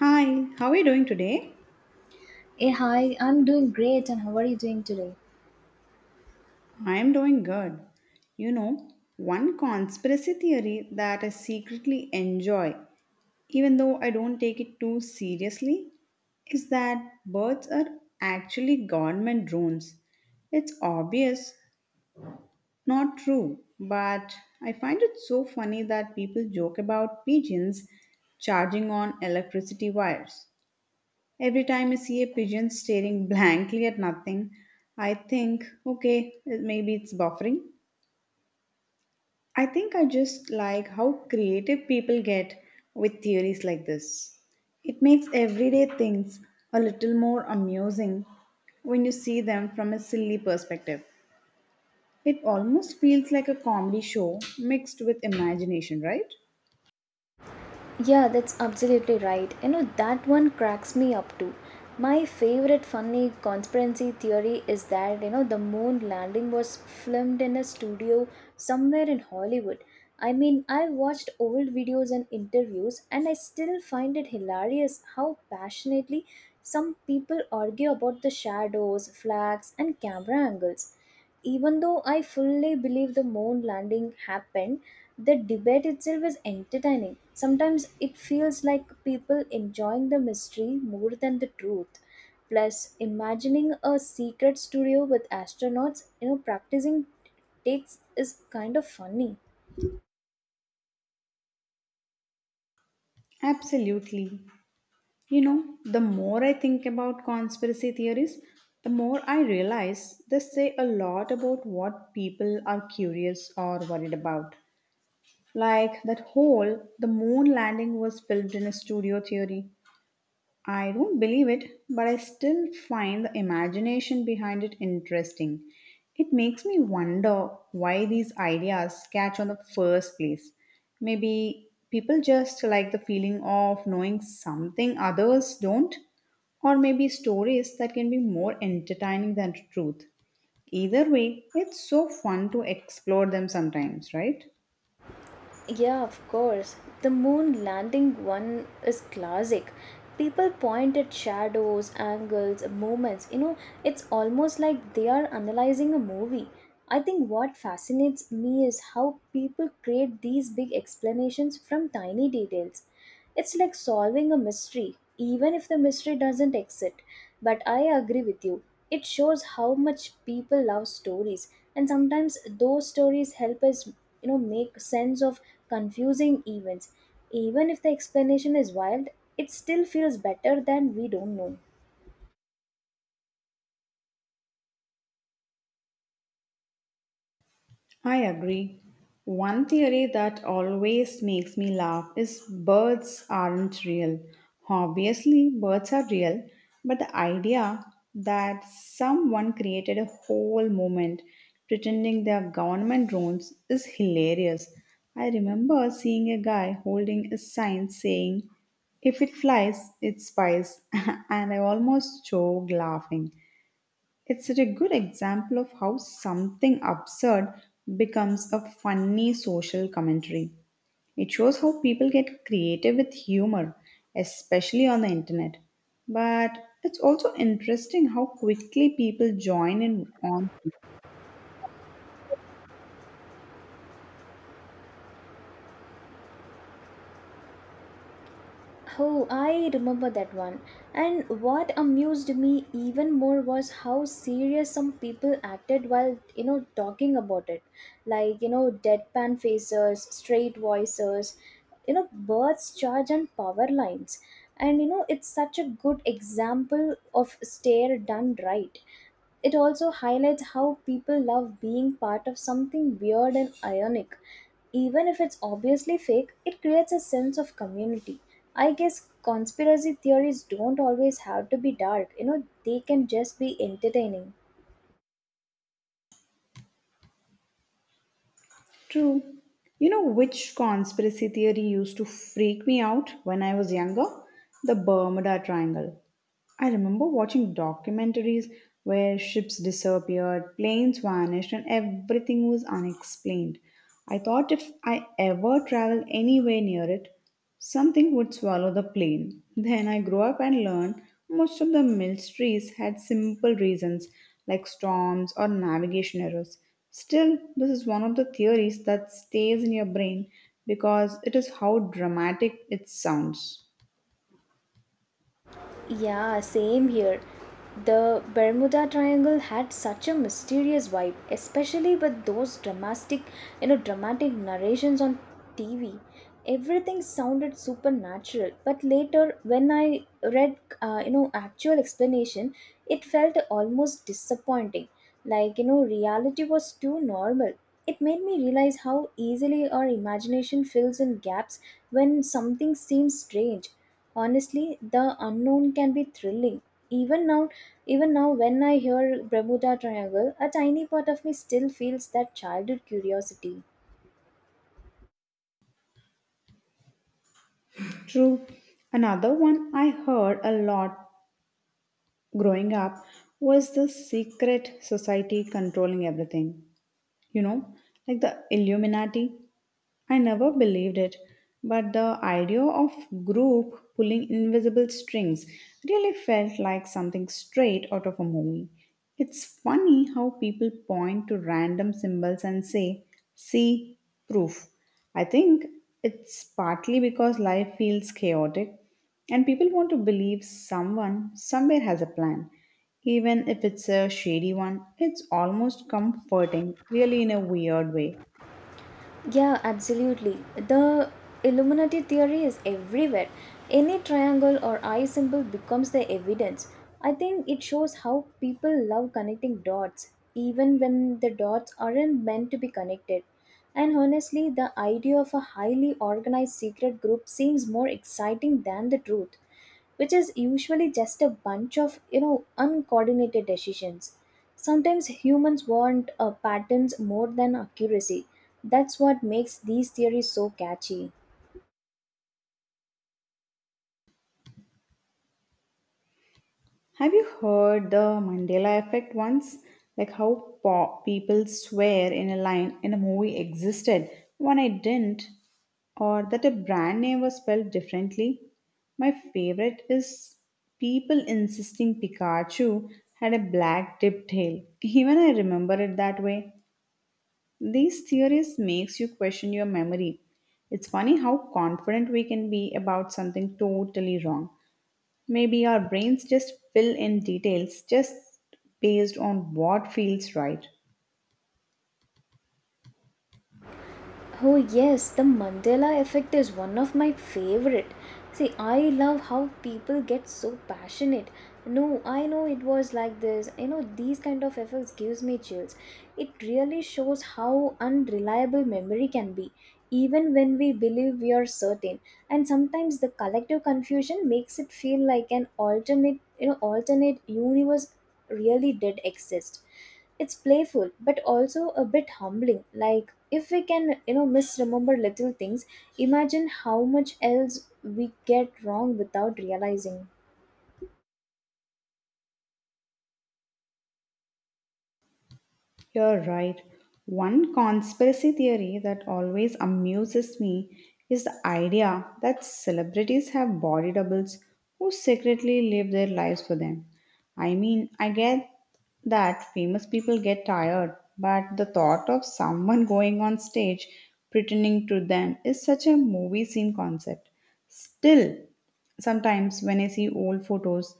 Hi, how are you doing today? Hey, hi, I'm doing great, and how are you doing today? I am doing good. You know, one conspiracy theory that I secretly enjoy, even though I don't take it too seriously, is that birds are actually government drones. It's obvious, not true, but I find it so funny that people joke about pigeons charging on electricity wires. Every time I see a pigeon staring blankly at nothing, I think, okay, maybe it's buffering. I think I just like how creative people get with theories like this. It makes everyday things a little more amusing when you see them from a silly perspective. It almost feels like a comedy show mixed with imagination, right? Yeah, that's absolutely right. You know, that one cracks me up too. My favorite funny conspiracy theory is that, you know, the moon landing was filmed in a studio somewhere in Hollywood. I mean, I watched old videos and interviews, and I still find it hilarious how passionately some people argue about the shadows, flags, and camera angles. Even though I fully believe the moon landing happened, the debate itself is entertaining. Sometimes it feels like people enjoying the mystery more than the truth. Plus, imagining a secret studio with astronauts, you know, practicing takes is kind of funny. Absolutely. You know, the more I think about conspiracy theories, the more I realize they say a lot about what people are curious or worried about. Like that whole the moon landing was filmed in a studio theory, I don't believe it, but I still find the imagination behind it interesting. It makes me wonder why these ideas catch on the first place. Maybe people just like the feeling of knowing something others don't, or maybe stories that can be more entertaining than truth. Either way, it's so fun to explore them sometimes, right? Yeah, of course. The moon landing one is classic. People point at shadows, angles, moments. You know, it's almost like they are analyzing a movie. I think what fascinates me is how people create these big explanations from tiny details. It's like solving a mystery, even if the mystery doesn't exist. But I agree with you. It shows how much people love stories, and sometimes those stories help us, you know, make sense of confusing events. Even if the explanation is wild, it still feels better than we don't know. I agree. One theory that always makes me laugh is birds aren't real. Obviously, birds are real, but the idea that someone created a whole movement pretending they are government drones is hilarious. I remember seeing a guy holding a sign saying, "If it flies, it spies," and I almost choked laughing. It's a good example of how something absurd becomes a funny social commentary. It shows how people get creative with humor, especially on the internet. But it's also interesting how quickly people join in on. Oh, I remember that one. And what amused me even more was how serious some people acted while, you know, talking about it. Like, you know, deadpan faces, straight voices, you know, birds charge and power lines. And, you know, it's such a good example of stare done right. It also highlights how people love being part of something weird and ionic. Even if it's obviously fake, it creates a sense of community. I guess conspiracy theories don't always have to be dark, you know, they can just be entertaining. True. You know which conspiracy theory used to freak me out when I was younger? The Bermuda Triangle. I remember watching documentaries where ships disappeared, planes vanished, and everything was unexplained. I thought if I ever travel anywhere near it, something would swallow the plane. Then I grew up and learned most of the mysteries had simple reasons like storms or navigation errors. Still, this is one of the theories that stays in your brain because it is how dramatic it sounds. Yeah, same here. The Bermuda Triangle had such a mysterious vibe, especially with those dramatic, dramatic narrations on TV. Everything sounded supernatural, but later when I read, you know, actual explanation, it felt almost disappointing. Like you know, reality was too normal. It made me realize how easily our imagination fills in gaps when something seems strange. Honestly, the unknown can be thrilling. Even now, Even now when I hear Bermuda Triangle, a tiny part of me still feels that childhood curiosity. True. Another one I heard a lot growing up was the secret society controlling everything. You know, like the Illuminati. I never believed it, but the idea of group pulling invisible strings really felt like something straight out of a movie. It's funny how people point to random symbols and say, "See, proof." I think it's partly because life feels chaotic and people want to believe someone somewhere has a plan. Even if it's a shady one, it's almost comforting, really, in a weird way. Yeah, absolutely. The Illuminati theory is everywhere. Any triangle or eye symbol becomes the evidence. I think it shows how people love connecting dots, even when the dots aren't meant to be connected. And honestly, the idea of a highly organized secret group seems more exciting than the truth, which is usually just a bunch of, you know, uncoordinated decisions. Sometimes humans want, patterns more than accuracy. That's what makes these theories so catchy. Have you heard the Mandela effect once? Like how people swear in a line in a movie existed, one it didn't, or that a brand name was spelled differently. My favorite is people insisting Pikachu had a black tipped tail. Even I remember it that way. These theories makes you question your memory. It's funny how confident we can be about something totally wrong. Maybe our brains just fill in details just based on what feels right. Oh, yes, the Mandela effect is one of my favorite. See, I love how people get so passionate. No, I know it was like this. You know, these kind of effects gives me chills. It really shows how unreliable memory can be, even when we believe we are certain. And sometimes the collective confusion makes it feel like an alternate universe really did exist. It's playful but also a bit humbling. Like, if we can, you know, misremember little things, imagine how much else we get wrong without realizing. You're right. One conspiracy theory that always amuses me is the idea that celebrities have body doubles who secretly live their lives for them. I mean, I get that famous people get tired, but the thought of someone going on stage pretending to them is such a movie scene concept. Still, sometimes, when I see old photos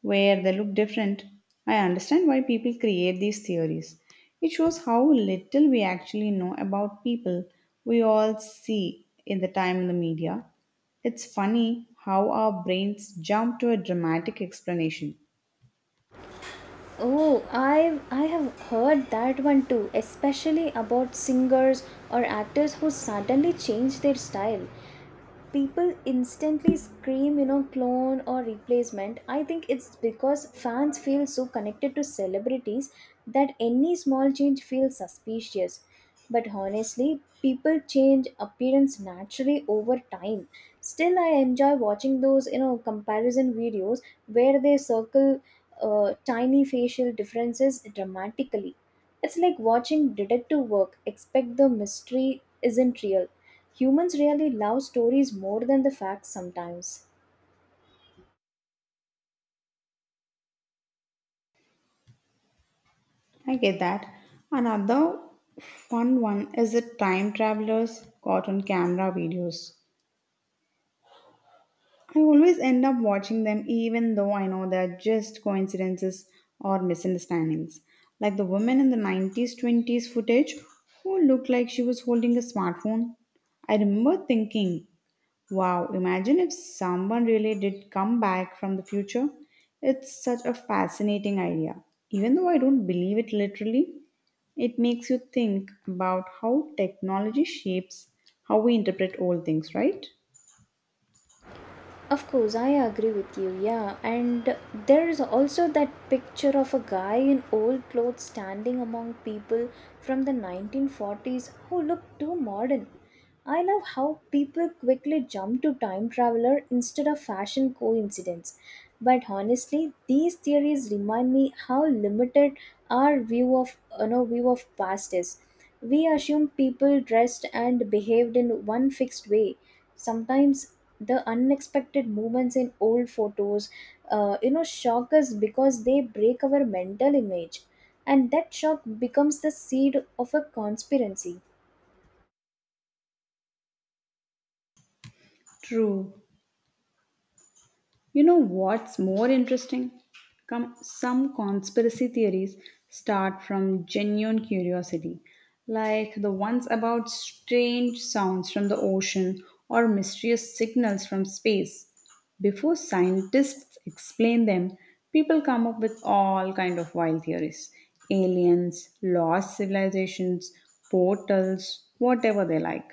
where they look different, I understand why people create these theories. It shows how little we actually know about people we all see in the time in the media. It's funny how our brains jump to a dramatic explanation. Oh, I have heard that one too, especially about singers or actors who suddenly change their style. People instantly scream, you know, clone or replacement. I think it's because fans feel so connected to celebrities that any small change feels suspicious. But honestly, people change appearance naturally over time. Still, I enjoy watching those, you know, comparison videos where they circle tiny facial differences dramatically. It's like watching detective work, except the mystery isn't real. Humans really love stories more than the facts sometimes. I get that. Another fun one is the time travelers caught on camera videos. I always end up watching them even though I know they're just coincidences or misunderstandings. Like the woman in the 90s 20s footage who looked like she was holding a smartphone. I remember thinking, wow, imagine if someone really did come back from the future. It's such a fascinating idea. Even though I don't believe it literally, it makes you think about how technology shapes how we interpret old things, right? Of course, I agree with you. Yeah, and there is also that picture of a guy in old clothes standing among people from the 1940s who look too modern. I love how people quickly jump to time traveler instead of fashion coincidence. But honestly, these theories remind me how limited our view of you know, view of past is. We assume people dressed and behaved in one fixed way. Sometimes the unexpected movements in old photos, you know, shock us because they break our mental image, and that shock becomes the seed of a conspiracy. True. You know what's more interesting? Come, some conspiracy theories start from genuine curiosity, like the ones about strange sounds from the ocean or mysterious signals from space. Before scientists explain them, people come up with all kind of wild theories. Aliens, lost civilizations, portals, whatever they like.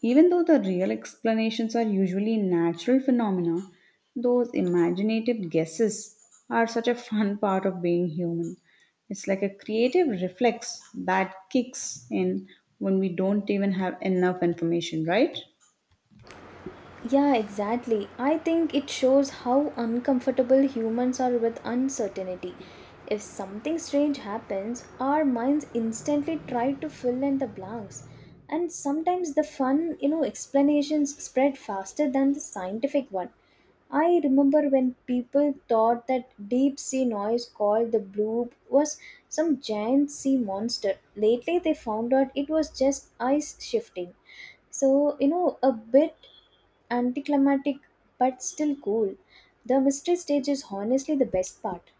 Even though the real explanations are usually natural phenomena, those imaginative guesses are such a fun part of being human. It's like a creative reflex that kicks in when we don't even have enough information, right? Yeah, exactly. I think it shows how uncomfortable humans are with uncertainty. If something strange happens, our minds instantly try to fill in the blanks. And sometimes the fun, you know, explanations spread faster than the scientific one. I remember when people thought that deep sea noise called the bloop was some giant sea monster. Lately, they found out it was just ice shifting. So, you know, a bit anticlimactic but still cool. The mystery stage is honestly the best part.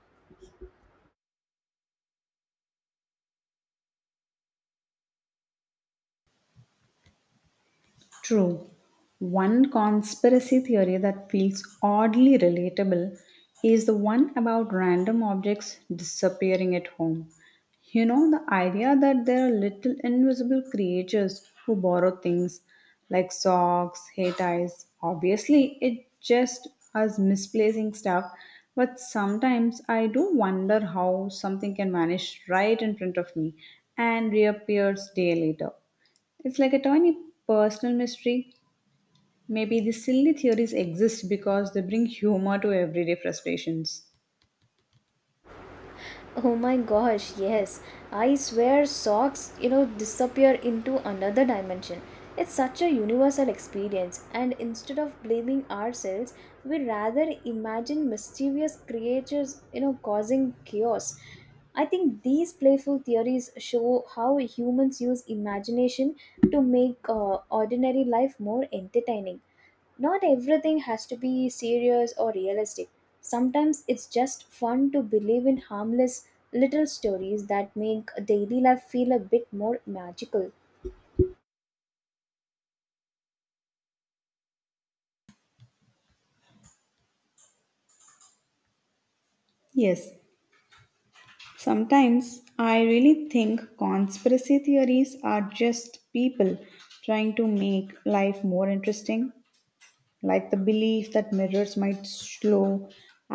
True. One conspiracy theory that feels oddly relatable is the one about random objects disappearing at home. You know, the idea that there are little invisible creatures who borrow things like socks, hair ties. Obviously, it just us misplacing stuff, but sometimes I do wonder how something can vanish right in front of me and reappears day later. It's like a tiny personal mystery. Maybe these silly theories exist because they bring humor to everyday frustrations. Oh my gosh, yes. I swear socks, you know, disappear into another dimension. It's such a universal experience, and instead of blaming ourselves, we rather imagine mischievous creatures, you know, causing chaos. I think these playful theories show how humans use imagination to make ordinary life more entertaining. Not everything has to be serious or realistic. Sometimes it's just fun to believe in harmless little stories that make daily life feel a bit more magical. Yes, sometimes I really think conspiracy theories are just people trying to make life more interesting. Like the belief that mirrors might show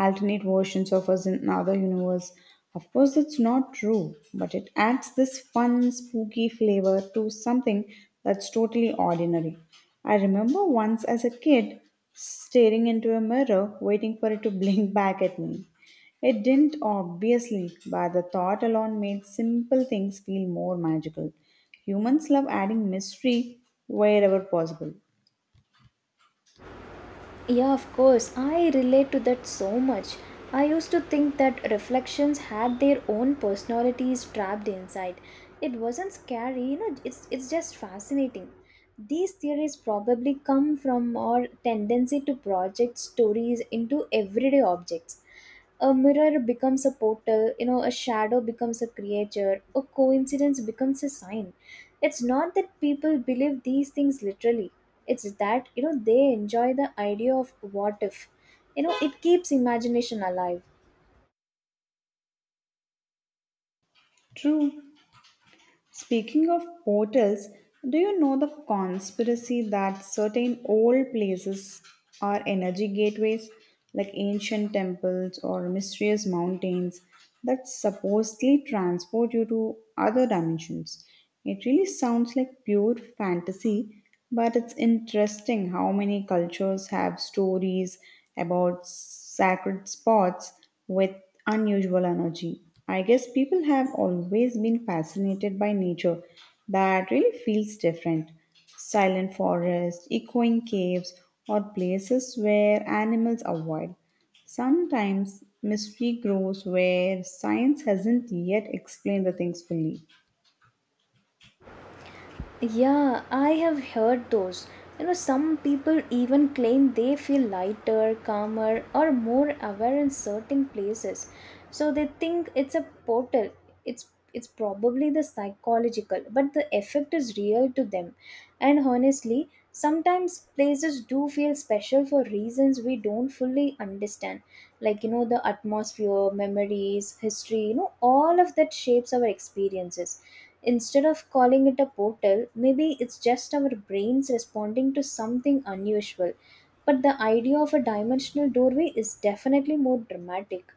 alternate versions of us in another universe. Of course, that's not true, but it adds this fun, spooky flavor to something that's totally ordinary. I remember once as a kid staring into a mirror, waiting for it to blink back at me. It didn't, obviously, but the thought alone made simple things feel more magical. Humans love adding mystery wherever possible. Yeah, of course, I relate to that so much. I used to think that reflections had their own personalities trapped inside. It wasn't scary, you know, it's just fascinating. These theories probably come from our tendency to project stories into everyday objects. A mirror becomes a portal, you know, a shadow becomes a creature, a coincidence becomes a sign. It's not that people believe these things literally, it's that, you know, they enjoy the idea of what if. You know, it keeps imagination alive. True. Speaking of portals, do you know the conspiracy that certain old places are energy gateways, like ancient temples or mysterious mountains, that supposedly transport you to other dimensions? It really sounds like pure fantasy, but it's interesting how many cultures have stories about sacred spots with unusual energy. I guess people have always been fascinated by nature that really feels different. Silent forests, echoing caves, or places where animals are wild. Sometimes mystery grows where science hasn't yet explained the things fully. Yeah, I have heard those. You know, some people even claim they feel lighter, calmer, or more aware in certain places. So they think it's a portal. It's it's probably the psychological, but the effect is real to them. And honestly, sometimes places do feel special for reasons we don't fully understand. Like, you know, the atmosphere, memories, history, you know, all of that shapes our experiences. Instead of calling it a portal, maybe it's just our brains responding to something unusual. But the idea of a dimensional doorway is definitely more dramatic.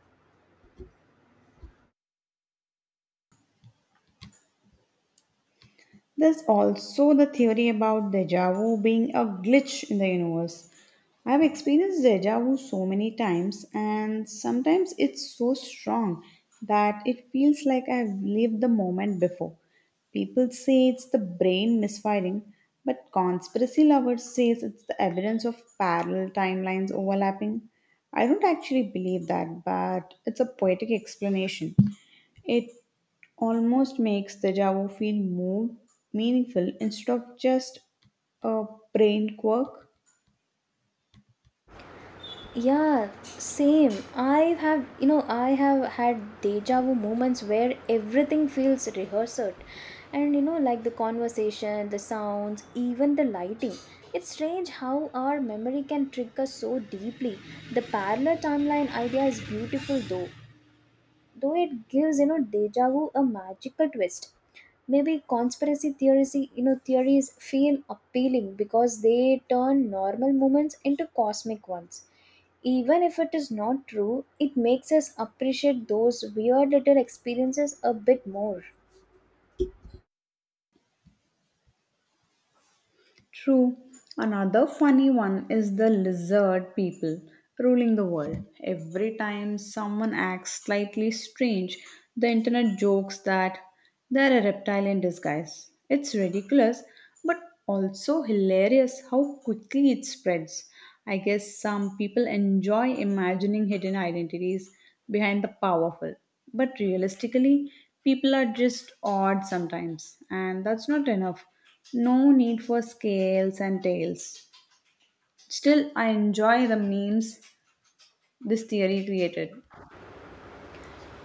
There's also the theory about deja vu being a glitch in the universe. I've experienced deja vu so many times, and sometimes it's so strong that it feels like I've lived the moment before. People say it's the brain misfiring, but conspiracy lovers say it's the evidence of parallel timelines overlapping. I don't actually believe that, but it's a poetic explanation. It almost makes the Java feel more meaningful instead of just a brain quirk. Yeah, same. I have had deja vu moments where everything feels rehearsed. And, you know, like the conversation, the sounds, even the lighting. It's strange how our memory can trick us so deeply. The parallel timeline idea is beautiful, though. Though it gives, you know, deja vu a magical twist. Maybe conspiracy theories you know theories feel appealing because they turn normal moments into cosmic ones. Even if it is not true, it makes us appreciate those weird little experiences a bit more. True. Another funny one is the lizard people ruling the world. Every time someone acts slightly strange, the internet jokes that they're a reptile in disguise. It's ridiculous, but also hilarious how quickly it spreads. I guess some people enjoy imagining hidden identities behind the powerful, but realistically, people are just odd sometimes, and that's not enough. No need for scales and tails. Still, I enjoy the memes this theory created.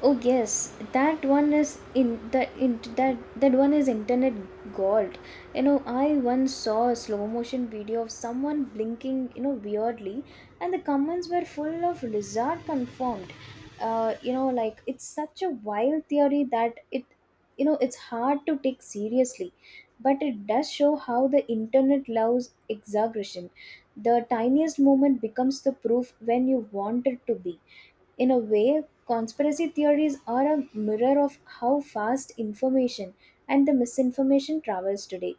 Oh yes, that one is in that that one is internet gold. You know, I once saw a slow motion video of someone blinking, you know, weirdly, and the comments were full of lizard confirmed. You know, like it's such a wild theory that it you know it's hard to take seriously, but it does show how the internet loves exaggeration. The tiniest moment becomes the proof when you want it to be. In a way, conspiracy theories are a mirror of how fast information and the misinformation travels today.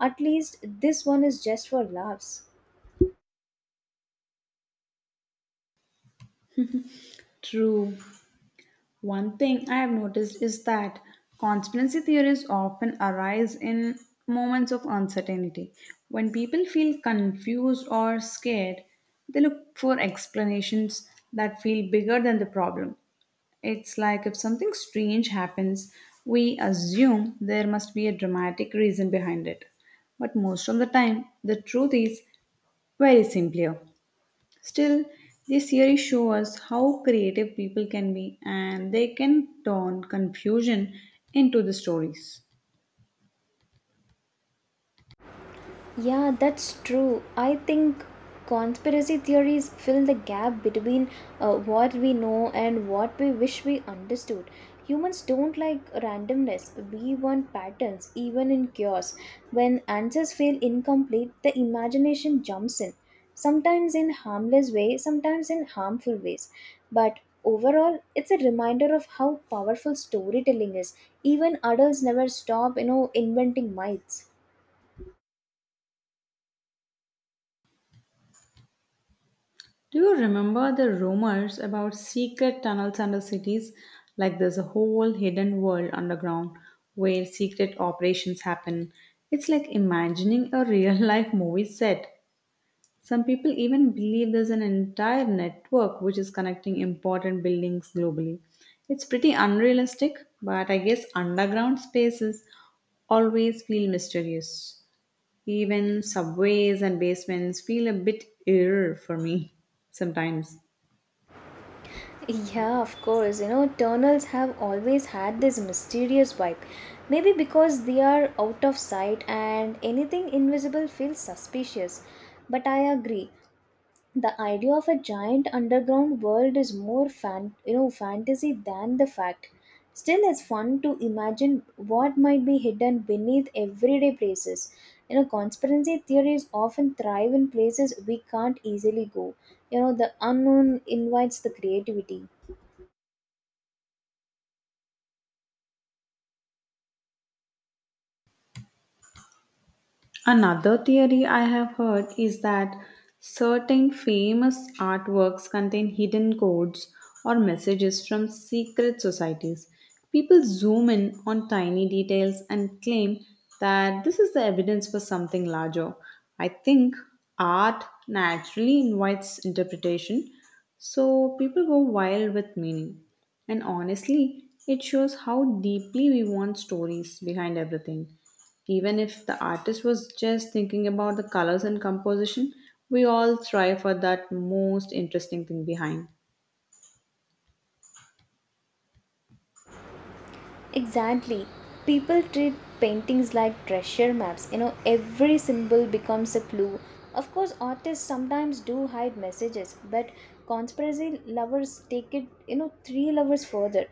At least this one is just for laughs. True. One thing I have noticed is that conspiracy theories often arise in moments of uncertainty. When people feel confused or scared, they look for explanations that feel bigger than the problem. It's like if something strange happens, we assume there must be a dramatic reason behind it. But most of the time, the truth is very simpler. Still, these theories show us how creative people can be and they can turn confusion into the stories. Yeah, that's true. I think conspiracy theories fill the gap between what we know and what we wish we understood. Humans don't like randomness. We want patterns, even in chaos. When answers feel incomplete, the imagination jumps in. Sometimes in harmless way, sometimes in harmful ways. But overall, it's a reminder of how powerful storytelling is. Even adults never stop, you know, inventing myths. Do you remember the rumors about secret tunnels under cities? Like there's a whole hidden world underground where secret operations happen. It's like imagining a real life movie set. Some people even believe there's an entire network which is connecting important buildings globally. It's pretty unrealistic, but I guess underground spaces always feel mysterious. Even subways and basements feel a bit eerie for me sometimes. Yeah, of course. You know, tunnels have always had this mysterious vibe. Maybe because they are out of sight and anything invisible feels suspicious. But I agree. The idea of a giant underground world is more fan, you know, fantasy than the fact. Still, it's fun to imagine what might be hidden beneath everyday places. You know, conspiracy theories often thrive in places we can't easily go. You know, the unknown invites the creativity. Another theory I have heard is that certain famous artworks contain hidden codes or messages from secret societies. People zoom in on tiny details and claim that this is the evidence for something larger. I think art naturally invites interpretation, so people go wild with meaning. And honestly, it shows how deeply we want stories behind everything. Even if the artist was just thinking about the colors and composition, we all strive for that most interesting thing behind. Exactly. People treat paintings like treasure maps. You know, every symbol becomes a clue. Of course, artists sometimes do hide messages, but conspiracy lovers take it, you know, three lovers further.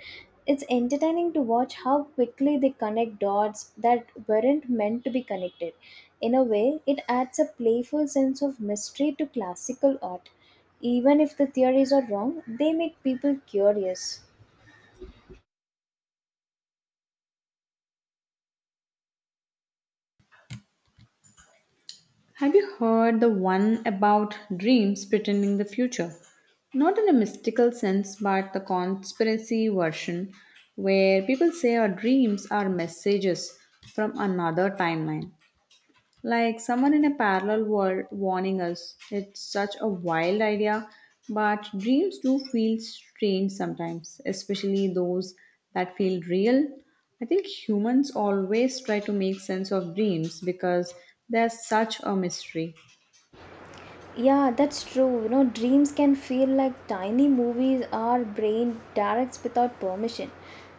It's entertaining to watch how quickly they connect dots that weren't meant to be connected. In a way, it adds a playful sense of mystery to classical art. Even if the theories are wrong, they make people curious. Have you heard the one about dreams pretending the future? Not in a mystical sense, but the conspiracy version, where people say our dreams are messages from another timeline. Like someone in a parallel world warning us. It's such a wild idea, but dreams do feel strange sometimes, especially those that feel real. I think humans always try to make sense of dreams because they're such a mystery. Yeah, that's true. You know, dreams can feel like tiny movies our brain directs without permission.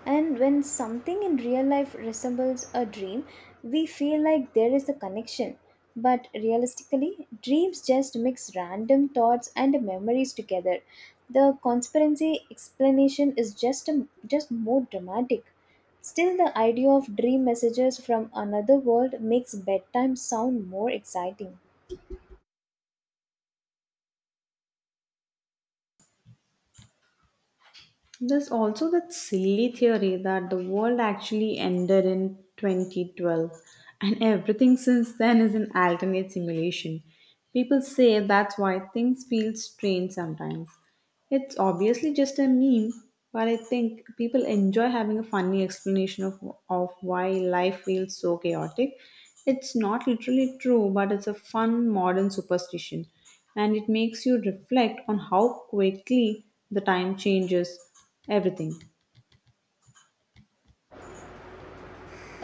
And when something in real life resembles a dream, we feel like there is a connection. But realistically, dreams just mix random thoughts and memories together. The conspiracy explanation is just a, just more dramatic. Still, the idea of dream messages from another world makes bedtime sound more exciting. There's also that silly theory that the world actually ended in 2012 and everything since then is an alternate simulation. People say that's why things feel strange sometimes. It's obviously just a meme, but I think people enjoy having a funny explanation of why life feels so chaotic. It's not literally true, but it's a fun modern superstition, and it makes you reflect on how quickly the time changes everything.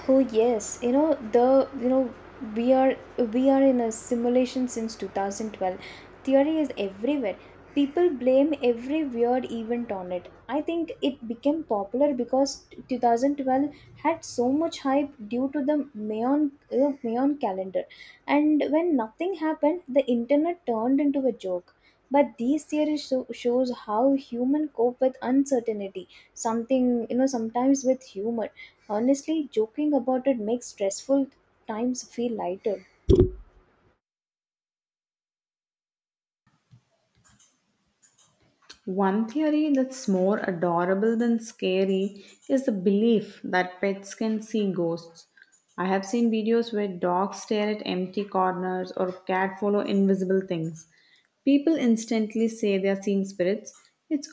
Oh yes, you know, we are we are in a simulation since 2012. Theory is everywhere. People blame every weird event on it. I think it became popular because 2012 had so much hype due to the Mayon calendar. And when nothing happened, the internet turned into a joke. But these theories shows how human cope with uncertainty, something, you know, sometimes with humor. Honestly, joking about it makes stressful times feel lighter. One theory that's more adorable than scary is the belief that pets can see ghosts. I have seen videos where dogs stare at empty corners or cat follow invisible things. People instantly say they are seeing spirits. It's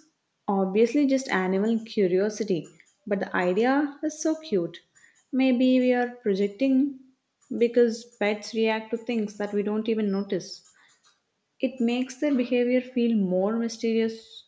obviously just animal curiosity, but the idea is so cute. Maybe we are projecting because pets react to things that we don't even notice. It makes their behavior feel more mysterious.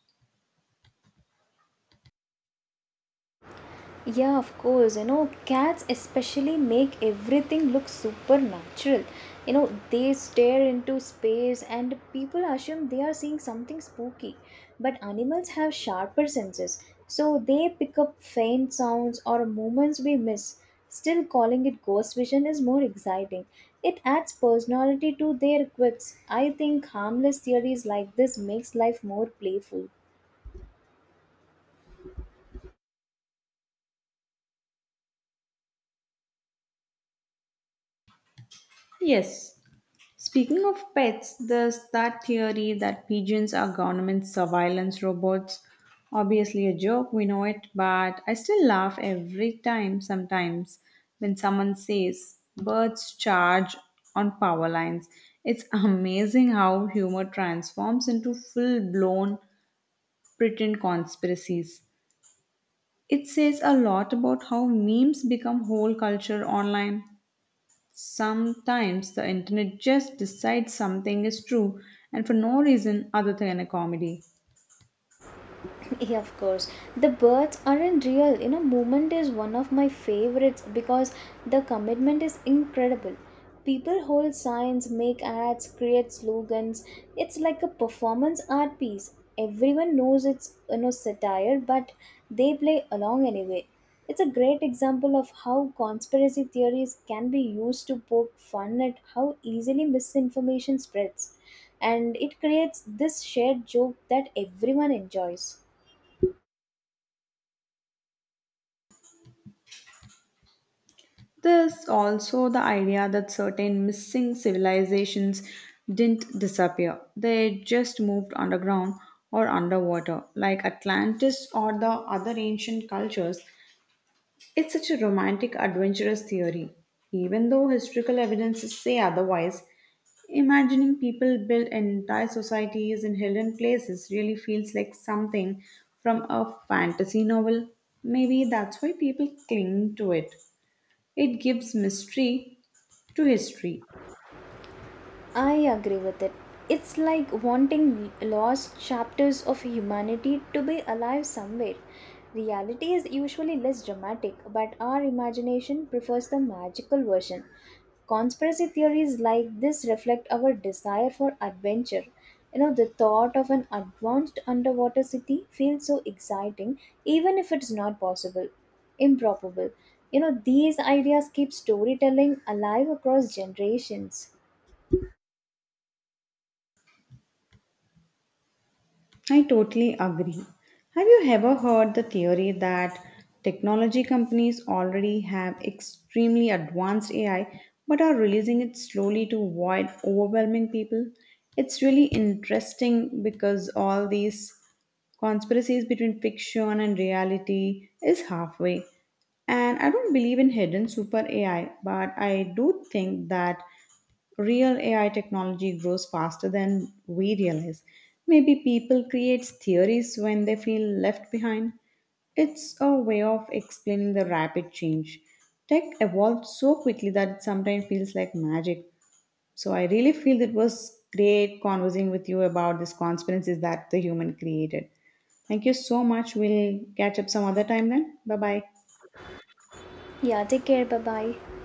Yeah, of course. You know, cats especially make everything look supernatural. You know, they stare into space and people assume they are seeing something spooky. But animals have sharper senses, so they pick up faint sounds or movements we miss. Still, calling it ghost vision is more exciting. It adds personality to their quirks. I think harmless theories like this makes life more playful. Yes. Speaking of pets, there's that theory that pigeons are government surveillance robots. Obviously, a joke, we know it, but I still laugh every time sometimes when someone says birds charge on power lines. It's amazing how humor transforms into full blown pretend conspiracies. It says a lot about how memes become whole culture online. Sometimes the internet just decides something is true and for no reason other than a comedy. Yeah, of course. The birds aren't real. You know, movement is one of my favorites because the commitment is incredible. People hold signs, make ads, create slogans. It's like a performance art piece. Everyone knows it's, you know, satire, but they play along anyway. It's a great example of how conspiracy theories can be used to poke fun at how easily misinformation spreads. And it creates this shared joke that everyone enjoys. There's also the idea that certain missing civilizations didn't disappear, they just moved underground or underwater, like Atlantis or the other ancient cultures. It's such a romantic, adventurous theory. Even though historical evidences say otherwise, imagining people build entire societies in hidden places really feels like something from a fantasy novel. Maybe that's why people cling to it. It gives mystery to history. I agree with it. It's like wanting lost chapters of humanity to be alive somewhere. Reality is usually less dramatic, but our imagination prefers the magical version. Conspiracy theories like this reflect our desire for adventure. You know, the thought of an advanced underwater city feels so exciting, even if it's not possible, improbable. You know, these ideas keep storytelling alive across generations. I totally agree. Have you ever heard the theory that technology companies already have extremely advanced AI but are releasing it slowly to avoid overwhelming people? It's really interesting because all these conspiracies between fiction and reality is halfway. And I don't believe in hidden super AI, but I do think that real AI technology grows faster than we realize. Maybe people create theories when they feel left behind. It's a way of explaining the rapid change. Tech evolved so quickly that it sometimes feels like magic. So I really feel it was great conversing with you about these conspiracies that the human created. Thank you so much. We'll catch up some other time then. Bye bye. Yeah, take care. Bye bye.